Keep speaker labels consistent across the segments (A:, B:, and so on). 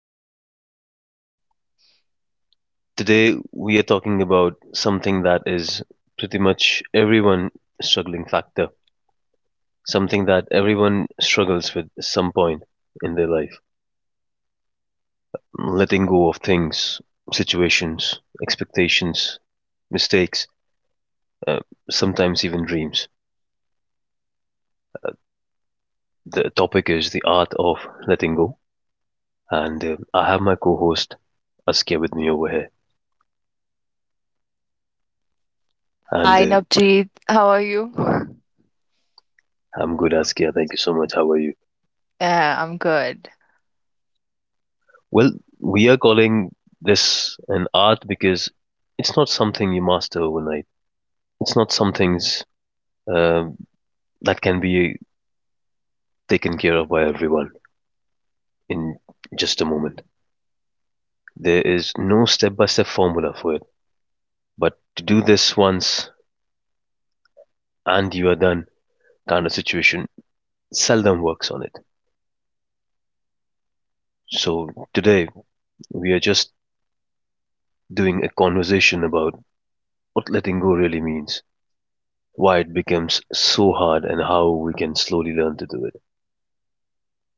A: to our podcast. Today, we are talking about something that is pretty much everyone struggling factor, something that everyone struggles with at some point in their life. Letting go of things, situations, expectations, mistakes, uh, sometimes even dreams. The topic is the art of letting go, and I have my co-host Askia with me over here, and
B: Hi, Navjeet. How are you?
A: I'm good, Askia. Thank you so much. How are you?
B: Yeah, I'm good.
A: Well, we are calling this an art because it's not something you master overnight. It's not something uh, that can be taken care of by everyone in just a moment. There is no step by step formula for it. But to do this once and you are done kind of situation seldom works on it. So today we are just doing a conversation about what letting go really means, why it becomes so hard, and how we can slowly learn to do it.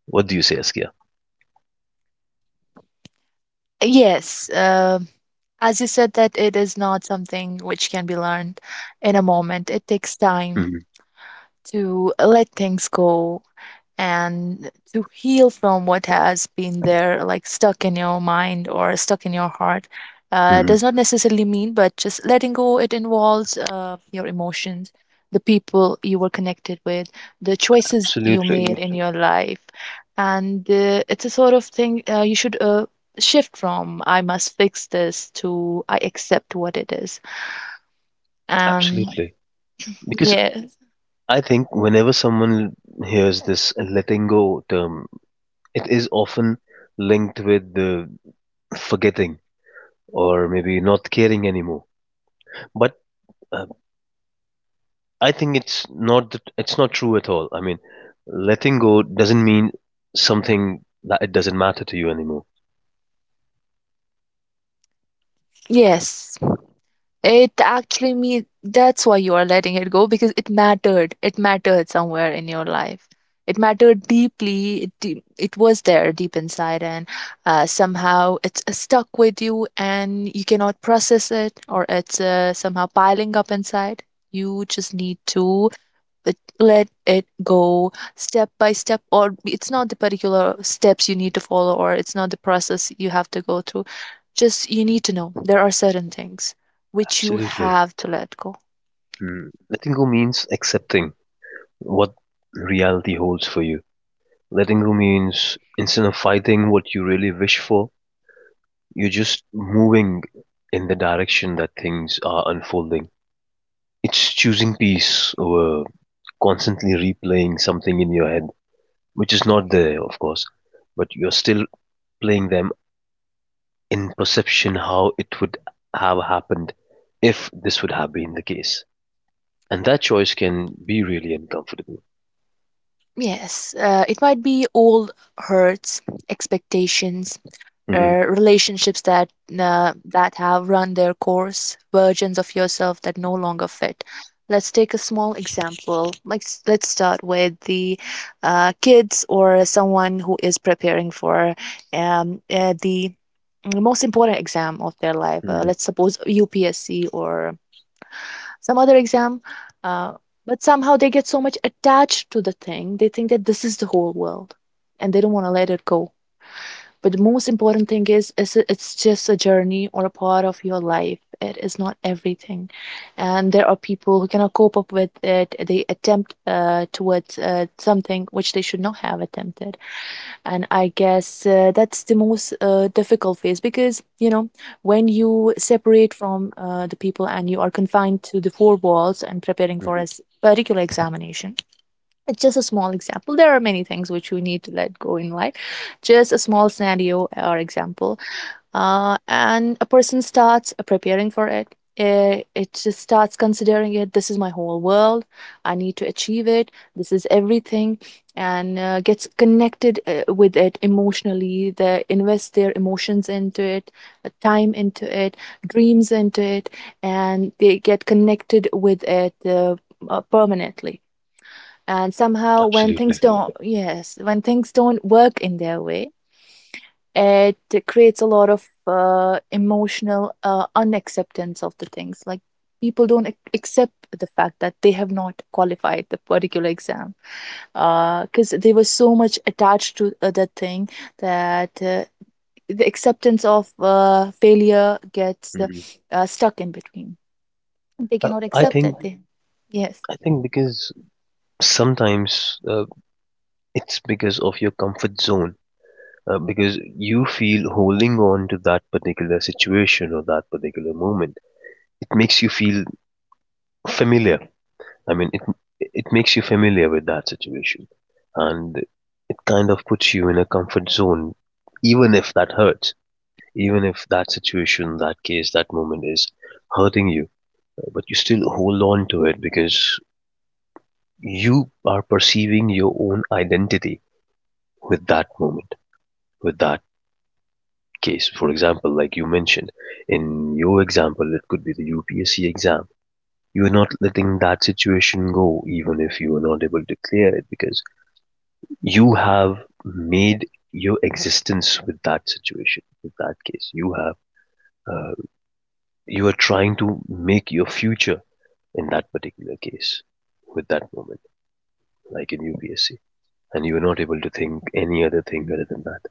A: What do you say, Askia?
B: Yes, as you said, that it is not something which can be learned in a moment. It takes time
A: Mhm,
B: to let things go and to heal from what has been there, like stuck in your mind or stuck in your heart. Uh,
A: mhm.
B: does not necessarily mean, but just letting go, it involves your emotions, the people you were connected with, the choices you
A: Absolutely,
B: made in your life. And it's a sort of thing you should shift from I must fix this to I accept what it is. Um,
A: absolutely. Because
B: yeah,
A: I think whenever someone hears this letting go term, it is often linked with the forgetting or maybe not caring anymore. But uh, I think it's not true at all. I mean, letting go doesn't mean something that it doesn't matter to you anymore.
B: yes. It actually means that's why you are letting it go because it mattered. It mattered somewhere in your life. It mattered deeply. It was there deep inside, and somehow it's stuck with you and you cannot process it, or it's somehow piling up inside. You just need to but let it go step by step, or it's not the particular steps you need to follow, or it's not the process you have to go through. Just you need to know there are certain things which you
A: Absolutely.
B: have to let go.
A: Mm. Letting go means accepting what reality holds for you. Letting go means instead of fighting what you really wish for, you're just moving in the direction that things are unfolding. It's choosing peace over constantly replaying something in your head, which is not there, of course, but you're still playing them in perception how it would have happened if this would have been the case. And that choice can be really uncomfortable.
B: Yes, it might be old hurts, expectations,
A: hmm
B: relationships that have run their course, versions of yourself that no longer fit. Let's take a small example. Like, let's start with the kids, or someone who is preparing for the most important exam of their life.
A: hmm
B: Let's suppose UPSC or some other exam. Uh, but somehow they get so much attached to the thing, they think that this is the whole world, and they don't want to let it go. But the most important thing is, it's just a journey or a part of your life. It is not everything, and there are people who cannot cope up with it. They attempt towards something which they should not have attempted, and I guess that's the most difficult phase, because when you separate from the people and you are confined to the four walls and preparing for
A: hmm.
B: a particular examination. It's just a small example. There are many things which we need to let go in life, just a small scenario or example. And a person starts preparing for it. It just starts considering, it this is my whole world, I need to achieve it, this is everything. And gets connected with it emotionally. They invest their emotions into it, time into it, dreams into it, and they get connected with it permanently. And somehow, when things
A: Absolutely.
B: don't, yes, when things don't work in their way, it creates a lot of emotional unacceptance of the things. Like, people don't accept the fact that they have not qualified the particular exam, because they were so much attached to that thing, that the acceptance of failure gets
A: Hmm.
B: stuck in between. They
A: Uh,
B: cannot
A: I
B: accept
A: think
B: that. Yes.
A: I think because sometimes it's because of your comfort zone because you feel holding on to that particular situation or that particular moment it makes you feel familiar. I mean it makes you familiar with that situation, and it kind of puts you in a comfort zone, even if that hurts, even if that situation, that case, that moment is hurting you, but you still hold on to it because you are perceiving your own identity with that moment, with that case. For example, like you mentioned, in your example, it could be the UPSC exam. You're not letting that situation go, even if you are not able to clear it, because you have made your existence with that situation, with that case. Uh, you are trying to make your future in that particular case, with that moment, like in UPSC. And you are not able to think any other thing other than that.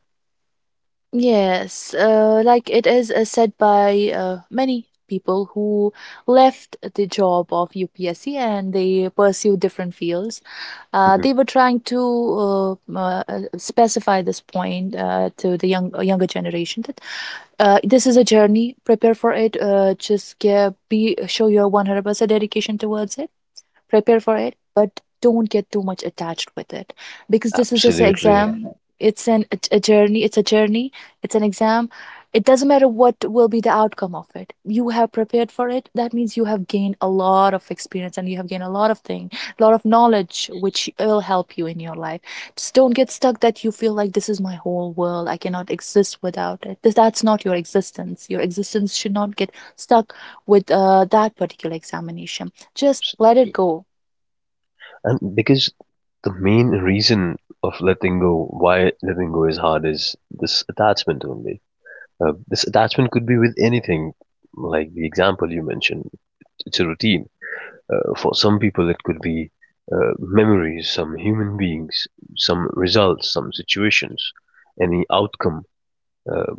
B: Yes, like it is said by many people who left the job of UPSC, and they pursue different fields.
A: Mhm.
B: They were trying to specify this point to the younger generation that this is a journey. Prepare for it. Just give, be show your 100% dedication towards it. Prepare for it, but don't get too much attached with it, because this is just an,
A: Absolutely.
B: exam. It's an a journey it's a journey It's an exam. It doesn't matter what will be the outcome of it. You have prepared for it, that means you have gained a lot of experience, and you have gained a lot of thing, a lot of knowledge, which will help you in your life. Just don't get stuck that you feel like, this is my whole world, I cannot exist without it. That's not your existence. Your existence should not get stuck with that particular examination. Just let it go.
A: And because the main reason of letting go, why letting go is hard, is this attachment only. This attachment could be with anything, like the example you mentioned. It's a routine. For some people, it could be memories, some human beings, some results, some situations, any outcome, uh,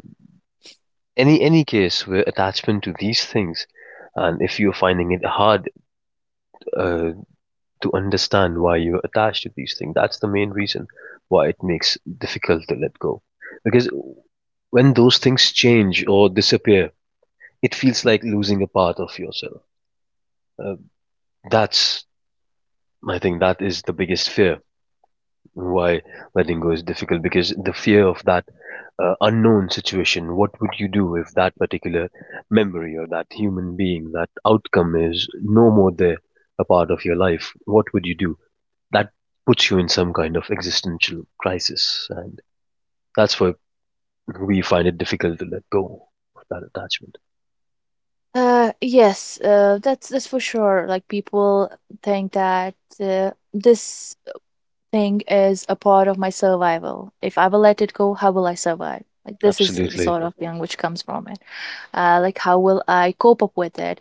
A: any case where attachment to these things. And if you're finding it hard uh, to understand why you're attached to these things. That's the main reason why it makes it difficult to let go. Because when those things change or disappear, it feels like losing a part of yourself. Uh, that's I think that is the biggest fear why letting go is difficult because the fear of that unknown situation. What would you do if that particular memory or that human being, that outcome is no more there, a part of your life? What would you do? That puts you in some kind of existential crisis, and that's why we find it difficult to let go of that attachment.
B: Yes, that's for sure. Like, people think that this thing is a part of my survival. If I will let it go, how will I survive? Like, this is the
A: Absolutely.
B: sort of feeling which comes from it. Like, how will I cope up with it?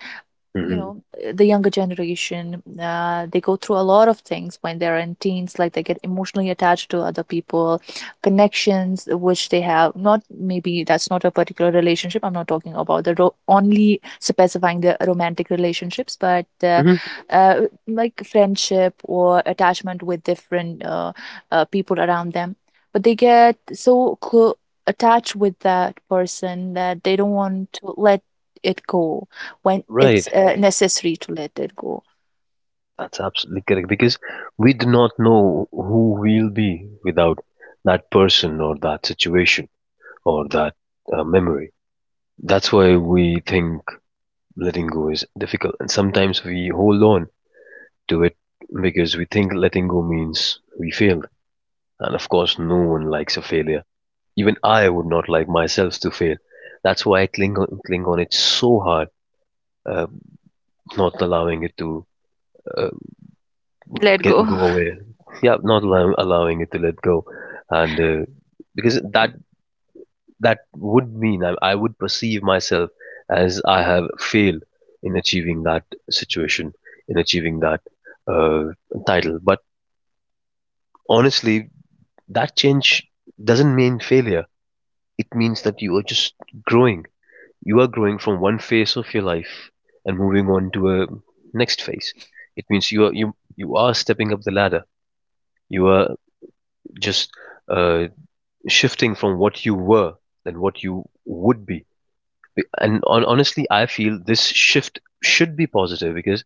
B: you
A: hmm
B: know eh, the younger generation, they go through a lot of things when they're in teens, like they get emotionally attached to other people, connections which they have not. Maybe that's not a particular relationship. I'm not talking about the only specifying the romantic relationships, but
A: hmm.
B: uh, like friendship or attachment with different people around them. But they get so clo attached with that person that they don't want to let it go when it's
A: Right.
B: necessary to let it go.
A: That's absolutely correct because we do not know who we'll be without that person or that situation or that memory. That's why we think letting go is difficult, and sometimes we hold on to it because we think letting go means we failed, and of course, no one likes a failure, even I would not like myself to fail. That's why I cling on it so hard, uh, not allowing it to uh,
B: Let
A: get
B: go.
A: go away. Yeah, not allow, allowing it to let go, and because that would mean I would perceive myself as I have failed in achieving that situation, in achieving that uh, title. But honestly, that change doesn't mean failure. It means that you are just growing. You are growing from one phase of your life and moving on to a next phase. It means you are stepping up the ladder. You are just uh, shifting from what you were than what you would be. And on, honestly, I feel this shift should be positive because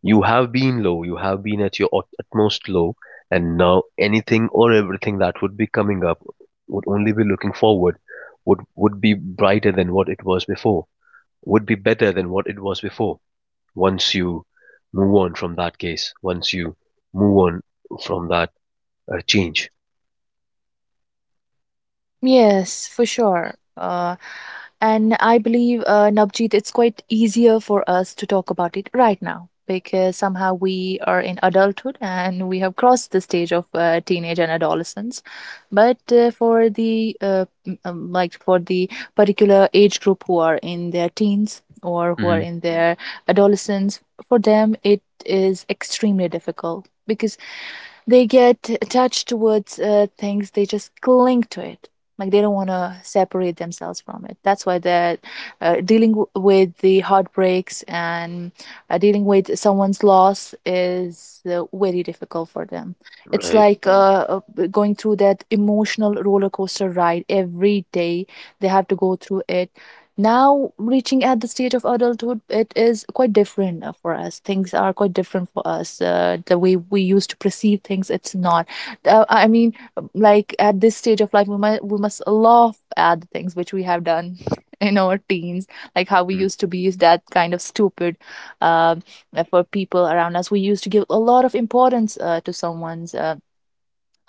A: you have been low, you have been at your utmost low, and now anything or everything that would be coming up would only be looking forward, would be brighter than what it was before, would be better than what it was before. Once you move on from that case, once you move on from that change.
B: Yes, for sure. And I believe, Navjeet, it's quite easier for us to talk about it right now, because somehow we are in adulthood and we have crossed the stage of teenage and adolescence. But for the m- like for the particular age group who are in their teens, or who are
A: Mm-hmm.
B: in their adolescence, for them it is extremely difficult because they get attached towards things. They just cling to it, like they don't want to separate themselves from it. That's why they're dealing with the heartbreaks, and dealing with someone's loss is very difficult for them. It's
A: Right.
B: like going through that emotional roller coaster ride every day. They have to go through it. Now, reaching at the stage of adulthood, it is quite different for us. Things are quite different for us. The way we used to perceive things, it's not. I mean, like, at this stage of life, we must laugh at the things which we have done in our teens, like how we used to be, is that kind of stupid um, for people around us. We used to give a lot of importance to someone's. Uh,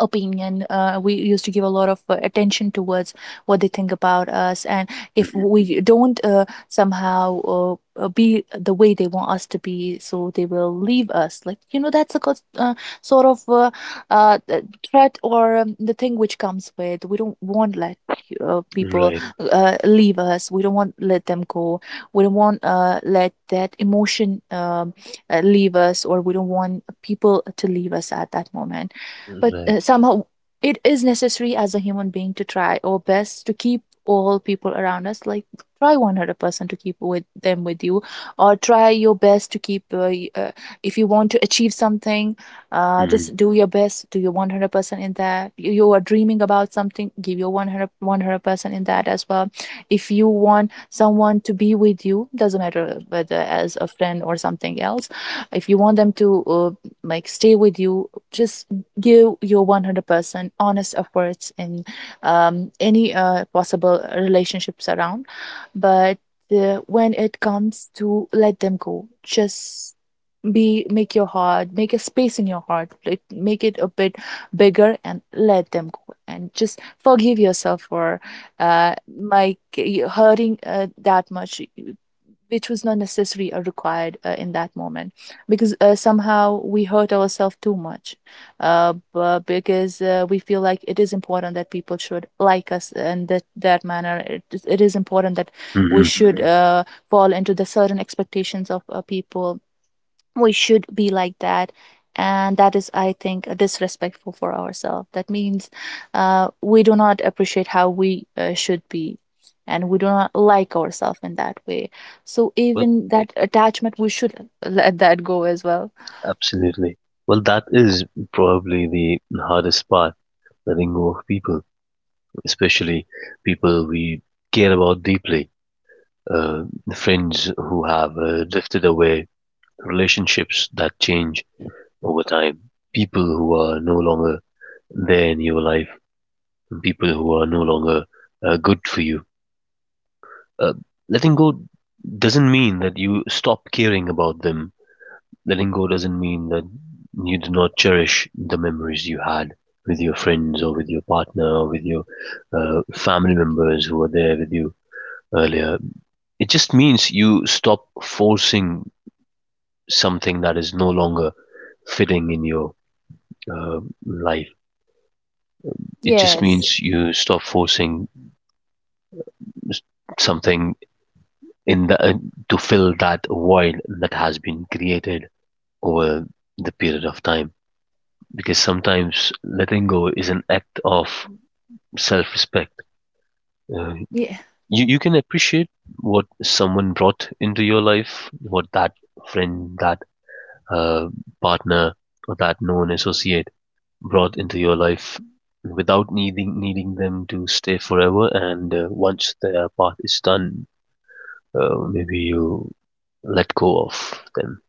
B: opinion uh, we used to give a lot of attention towards what they think about us. And if
A: Mm-hmm.
B: we don't somehow be the way they want us to be, so they will leave us, like, that's a sort of uh, th- threat, or the thing which comes with, we don't want let people
A: Right.
B: leave us. We don't want let them go. We don't want let that emotion leave us, or we don't want people to leave us at that moment. But
A: Right.
B: somehow it is necessary, as a human being, to try our best to keep all people around us. Like, try 100% to keep with them, with you, or try your best to keep if you want to achieve something,
A: Mm-hmm.
B: just do your best, do your 100% in that. You, are dreaming about something, give your one hundred percent in that as well. If you want someone to be with you, doesn't matter whether as a friend or something else. If you want them to like stay with you, just give your 100% honest efforts in any possible relationships around. But when it comes to let them go, just be, make your heart, make a space in your heart, like, make it a bit bigger, and let them go, and just forgive yourself for hurting that much, which was not necessary or required in that moment. Because somehow we hurt ourselves too much, because we feel like it is important that people should like us, and that, that manner, it is important that we
A: Mm-hmm.
B: should fall into the certain expectations of people. We should be like that, and that is, I think, disrespectful for ourselves. That means we do not appreciate how we should be, and we do not like ourselves in that way, so
A: Well,
B: even that attachment we should let that go as well.
A: absolutely. Well, that is probably the hardest part, letting go of people, especially people we care about deeply, uh, friends who have drifted away, relationships that change over time, people who are no longer there in your life, from people who are no longer good for you. Uh, letting go doesn't mean that you stop caring about them. Letting go doesn't mean that you do not cherish the memories you had with your friends or with your partner or with your family members who were there with you earlier. It just means you stop forcing something that is no longer fitting in your uh, life. It just
B: Yes.
A: means you stop forcing something in the to fill that void that has been created over the period of time, because sometimes letting go is an act of self-respect. uh,
B: Yeah.
A: you can appreciate what someone brought into your life, what that friend, that uh, partner, or that known associate brought into your life without needing them to stay forever, and once their part is done, maybe you let go of them.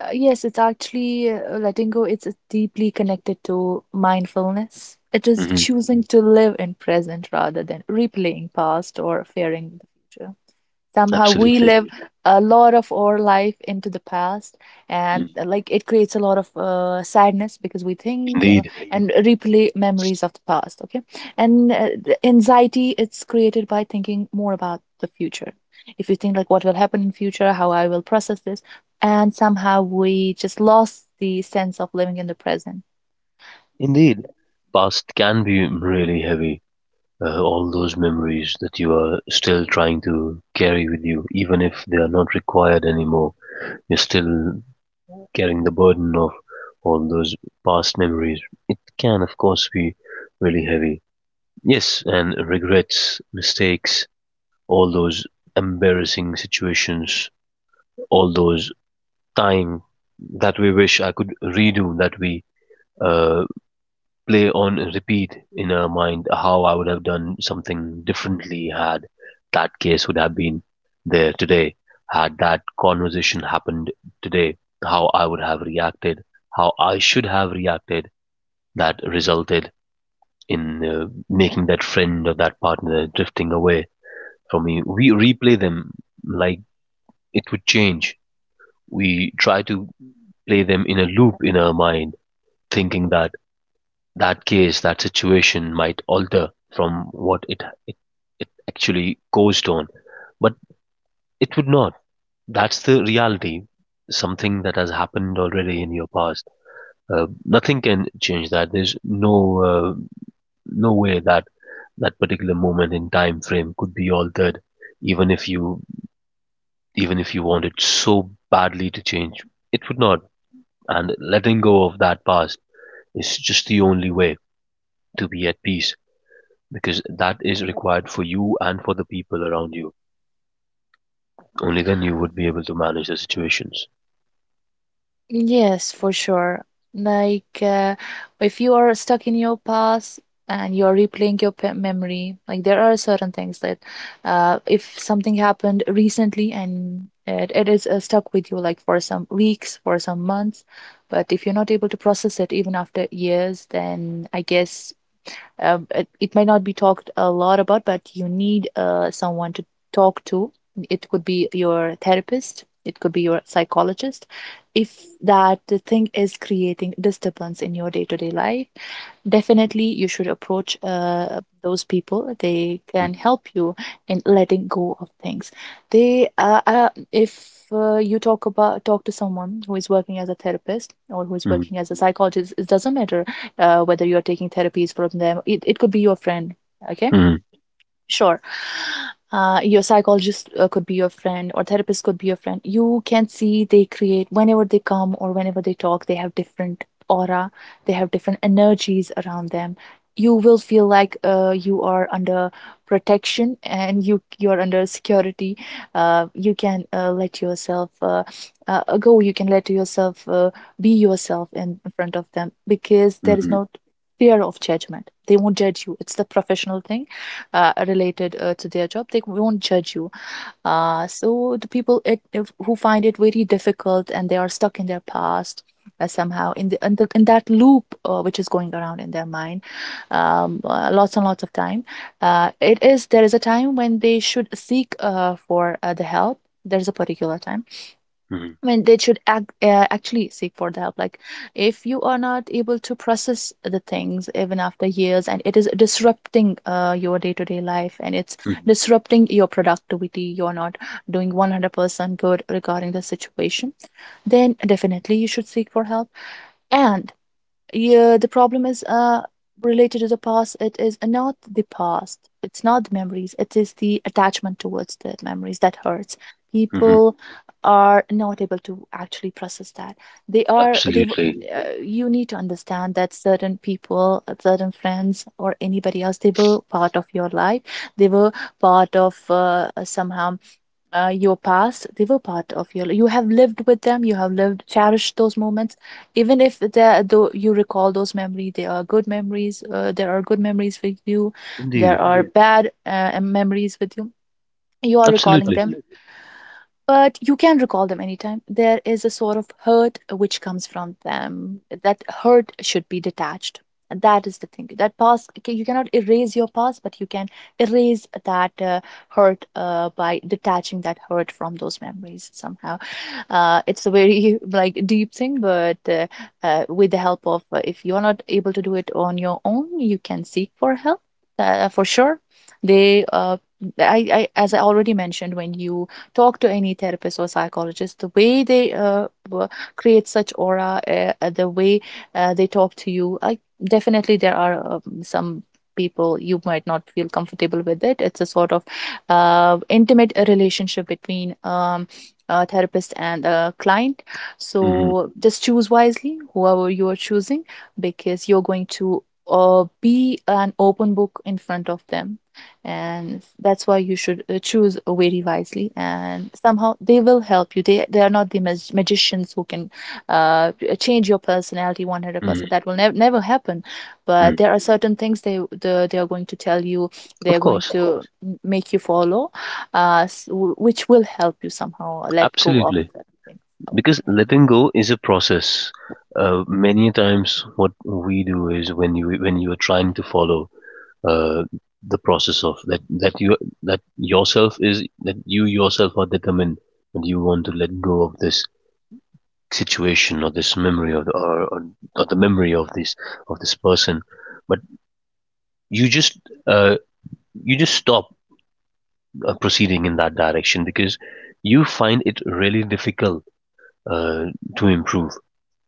B: Yes, it's actually letting go, it's deeply connected to mindfulness. It is
A: Hmm.
B: choosing to live in present rather than replaying past or fearing the future. Somehow we
A: Absolutely.
B: live a lot of our life into the past, and
A: Mm.
B: like, it creates a lot of sadness because we think
A: Indeed.
B: and replay memories of the past. Okay. And the anxiety, it's created by thinking more about the future. If you think like, what will happen in future, how I will process this? And somehow we just lost the sense of living in the present.
A: Indeed. Past can be really heavy. All those memories that you are still trying to carry with you, even if they are not required anymore, you're still carrying the burden of all those past memories. It can, of course, be really heavy. Yes, and regrets, mistakes, all those embarrassing situations, all those time that we wish I could redo, that we uh, play on repeat in her mind how I would have done something differently had that case would have been there today, had that conversation happened today, how I would have reacted, how I should have reacted that resulted in making that friend or that partner drifting away from me. We replay them like it would change. We try to play them in a loop in our mind, thinking that that case, that situation might alter from what it it actually caused on, but it would not. That's the reality. Something that has happened already in your past. Nothing can change that. There's no uh, no way that that particular moment in time frame could be altered, even if you even if you wanted so badly to change, it would not. And letting go of that past is just the only way to be at peace because that is required for you and for the people around you. Only then you would be able to manage the situations.
B: Yes, for sure. Like, uh, if you are stuck in your past and you are replaying your memory, like there are certain things that if something happened recently and it is stuck with you, like for some weeks, for some months, but if you're not able to process it even after years, then I guess it might not be talked a lot about but you need someone to talk to. It could be your therapist, it could be your psychologist if that thing is creating disturbance in your day-to-day life. Definitely you should approach those people. They can
A: hmm
B: help you in letting go of things. If you talk to someone who is working as a therapist or who is
A: hmm
B: working as a psychologist, it doesn't matter whether you are taking therapies from them. It could be your friend. Okay. Sure. Your psychologist could be your friend, or therapist could be your friend. You can see, they create whenever they come or whenever they talk, they have different aura, they have different energies around them. You will feel like you are under protection and you are under security. You can let yourself go. You can let yourself be yourself in front of them because there is
A: hmm
B: no fear of judgment. They won't judge you. It's the professional thing related to their job, they won't judge you. So the people it, if, who find it very difficult and they are stuck in their past somehow in the, in the in that loop which is going around in their mind, lots and lots of time. It is There is a time when they should seek for the help. There's a particular time,
A: hmm
B: I mean, they should actually seek for the help. Like, if you are not able to process the things even after years, and it is disrupting your day to day life, and it's
A: hmm
B: disrupting your productivity, you're not doing 100% good regarding the situation, then definitely you should seek for help. And yeah, the problem is related to the past. It is not the past. It's not the memories. It is the attachment towards the memories that hurts.
A: hmm.
B: People are not able to actually process that. They are they. Mm.
A: Absolutely.
B: You need to understand that certain people, certain friends, or anybody else, they were part of your life. They were part of somehow your past, they were part of you have lived with them, you have lived, cherished those moments. Even if they though you recall those memories, they are good memories, there are good memories with you,
A: Indeed.
B: there are, yeah, bad memories with you, you are recalling
A: Absolutely.
B: them, but you can recall them anytime. There is a sort of hurt which comes from them. That hurt should be detached. And that is the thing. That past, okay, you cannot erase your past, but you can erase that hurt by detaching that hurt from those memories somehow. It's a very like deep thing, but with the help of, if you're not able to do it on your own, you can seek for help for sure. They I as I already mentioned, when you talk to any therapist or psychologist, the way they create such aura, the way they talk to you, definitely there are some people you might not feel comfortable with. It it's a sort of intimate relationship between a therapist and a client,
A: hmm
B: so just choose wisely whoever you are choosing, because you're going to be an open book in front of them, and that's why you should choose very wisely. And somehow they will help you. They are not the magicians who can uh, change your personality
A: hmm
B: 100%. That will never happen, but
A: hmm.
B: there are certain things they are going to tell you, they are
A: Of
B: going
A: course.
B: to make you follow which will help you somehow let go of
A: Absolutely.
B: certain things or
A: Because
B: memories.
A: letting go is a process. Many times, what we do is when you are trying to follow uh, the process of that yourself is that you yourself are determined that you want to let go of this situation or this memory of or the memory of this person, but you just uh, you just stop proceeding in that direction because you find it really difficult uh, to improve.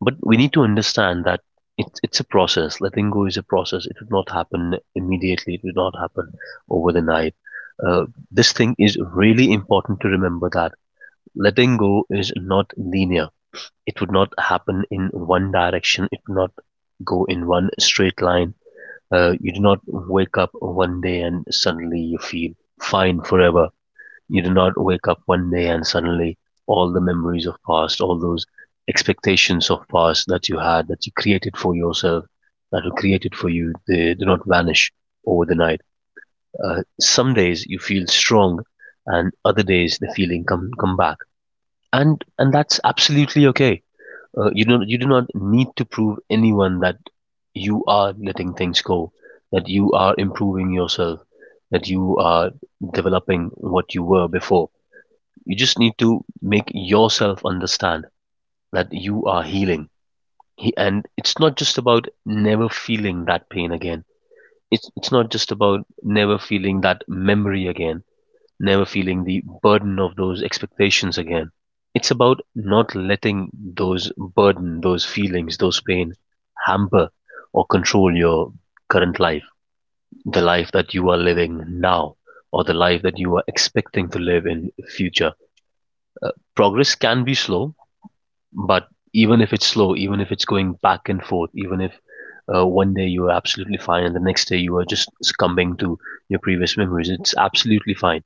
A: But we need to understand that it's a process. Letting go is a process. It would not happen immediately. It would not happen over the night. Uh, this thing is really important to remember, that letting go is not linear. It would not happen in one direction. It would not go in one straight line. You do not wake up one day and suddenly you feel fine forever. You do not wake up one day and suddenly all the memories of past, all those expectations of past that you had, that you created for yourself, that were created for you, they do not vanish over the night. Some days you feel strong, and other days the feeling come back, and that's absolutely okay. You don't. You do not need to prove anyone that you are letting things go, that you are improving yourself, that you are developing what you were before. You just need to make yourself understand that you are healing. And it's not just about never feeling that pain again. It's not just about never feeling that memory again, never feeling the burden of those expectations again. It's about not letting those burden, those feelings, those pain hamper or control your current life, the life that you are living now, or the life that you are expecting to live in future. Progress can be slow, but even if it's slow, even if it's going back and forth, even if one day you are absolutely fine and the next day you are just succumbing to your previous memories, it's absolutely fine.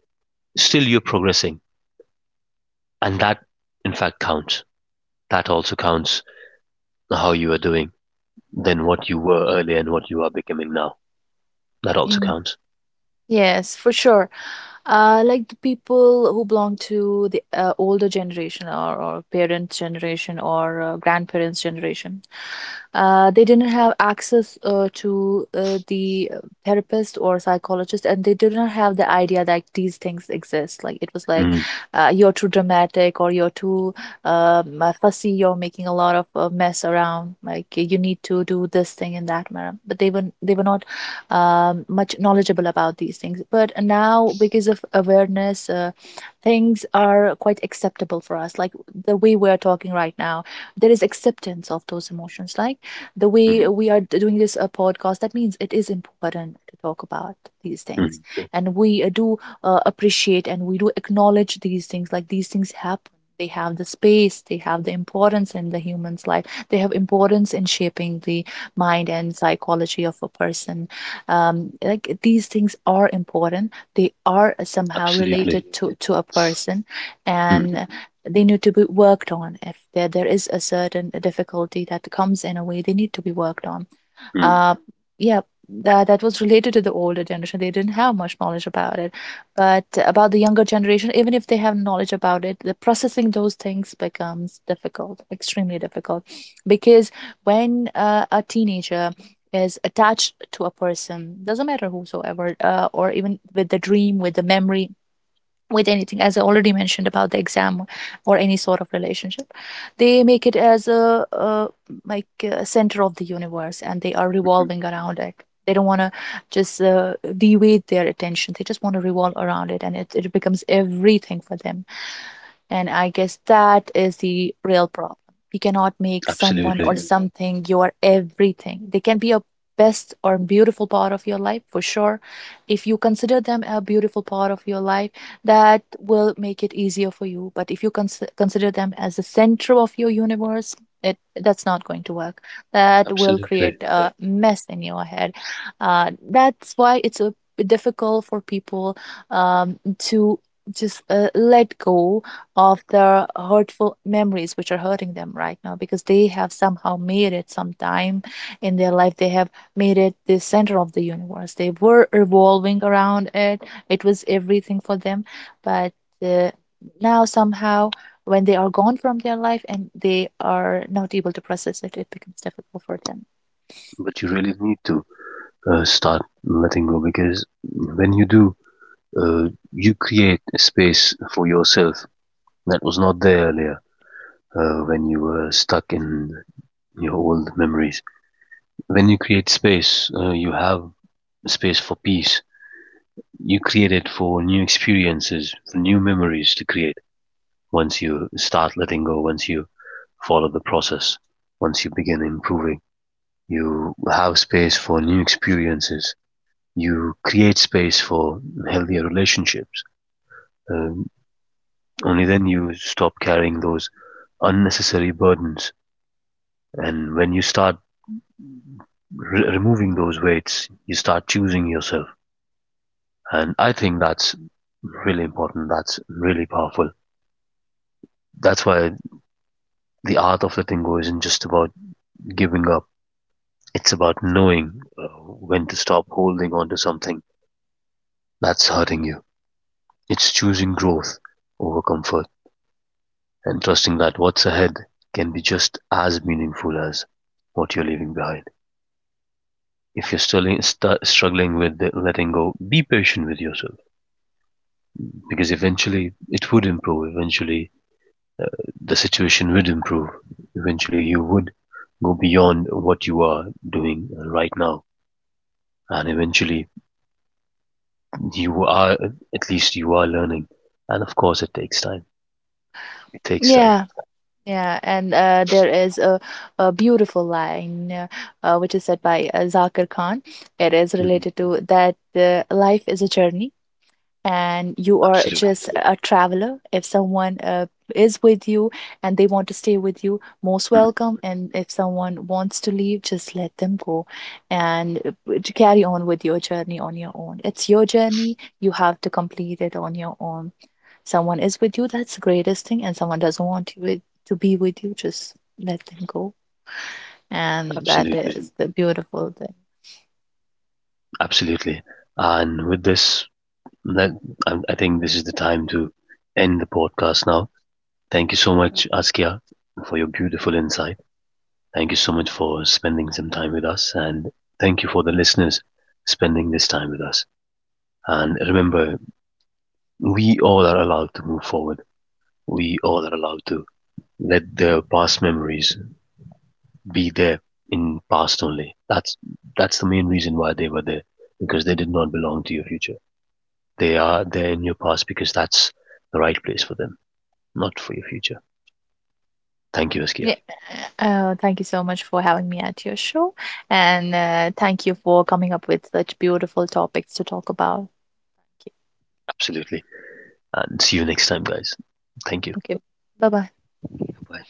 A: Still, you're progressing. And that, in fact, counts. That also counts how you are doing than what you were earlier and what you are becoming now. That also counts.
B: Yes, for sure. Like the people who belong to the older generation, or parents' generation, or grandparents' generation, they didn't have access to therapist or psychologist, and they did not have the idea that these things exist. Like it was like,
A: Mm,
B: you're too dramatic or you're too fussy, you're making a lot of mess around. Like you need to do this thing in that manner. But they were not much knowledgeable about these things. But now, because of awareness, things are quite acceptable for us. Like the way we are talking right now, there is acceptance of those emotions. Like the way
A: mm,
B: we are doing this podcast, that means it is important to talk about these
A: mm.
B: things. And we do appreciate and we do acknowledge these things. Like these things happen. They have the space, they have the importance in the human's life, they have importance in shaping the mind and psychology of a person. Like these things are important, they are somehow
A: Absolutely.
B: related to a person,
A: Mm,
B: and they need to be worked on. If there is a certain difficulty that comes in a way, they need to be worked on.
A: mm,
B: uh, yeah, that was related to the older generation, they didn't have much knowledge about it. But about the younger generation, even if they have knowledge about it, the processing those things becomes difficult, extremely difficult, because when a teenager is attached to a person, doesn't matter whosoever, or even with the dream, with the memory, with anything, as I already mentioned about the exam or any sort of relationship, they make it as like a center of the universe, and they are
A: mm.
B: revolving around it. They don't want to just deviate their attention, they just want to revolve around it, and it becomes everything for them. And I guess that is the real problem. You cannot make someone or,
A: Absolutely.
B: absolutely, something your everything. They can be a best or beautiful part of your life for sure. If you consider them a beautiful part of your life, that will make it easier for you. But if you consider them as the center of your universe, it that's not going to work. That will create
A: Absolutely.
B: a, exactly, mess in your head. That's why it's a difficult for people to just let go of the hurtful memories which are hurting them right now, because they have somehow made it sometime in their life, they have made it the center of the universe, they were revolving around it, it was everything for them. But uh, now somehow, when they are gone from their life and they are not able to process it, it becomes difficult for them.
A: But you really need to start letting go, because when you do, you create a space for yourself that was not there earlier, when you were stuck in your old memories. When you create space, you have space for peace. You create it for new experiences, for new memories to create. Once you start letting go, once you follow the process, once you begin improving, you have space for new experiences. You create space for healthier relationships. Um, only then you stop carrying those unnecessary burdens. And when you start removing those weights, you start choosing yourself. And I think that's really important. That's really powerful. That's why the art of letting go isn't just about giving up. It's about knowing when to stop holding on to something that's hurting you. It's choosing growth over comfort and trusting that what's ahead can be just as meaningful as what you're leaving behind. If you're still struggling with letting go, be patient with yourself, because eventually it would improve. Eventually, the situation would improve. Eventually, you would go beyond what you are doing right now. And eventually, you are, at least you are learning, and of course it takes time. It takes time.
B: Yeah. Yeah, and there is a beautiful line which is said by Zakir Khan. It is
A: Hmm.
B: related to that, life is a journey and you are
A: Absolutely.
B: just a traveler. If someone is with you and they want to stay with you, most
A: Mhm.
B: welcome. And if someone wants to leave, just let them go and to carry on with your journey on your own. It's your journey. You have to complete it on your own. Someone is with you, that's the greatest thing, and someone doesn't want you to be with you, just let them go. And that
A: Absolutely,
B: is the beautiful thing.
A: absolutely. And with this, that, I think this is the time to end the podcast now. Thank you so much, Askia, for your beautiful insight. Thank you so much for spending some time with us, and thank you for the listeners spending this time with us. And remember, we all are allowed to move forward. We all are allowed to let the past memories be there in past only. That's the main reason why they were there, because they did not belong to your future. They are there in your past because that's the right place for them, not for your future. Thank you, Askia.
B: Yeah. Thank you so much for having me at your show. And thank you for coming up with such beautiful topics to talk about. Okay.
A: Absolutely. And see you next time, guys. Thank you.
B: Okay. Bye bye.
A: Bye.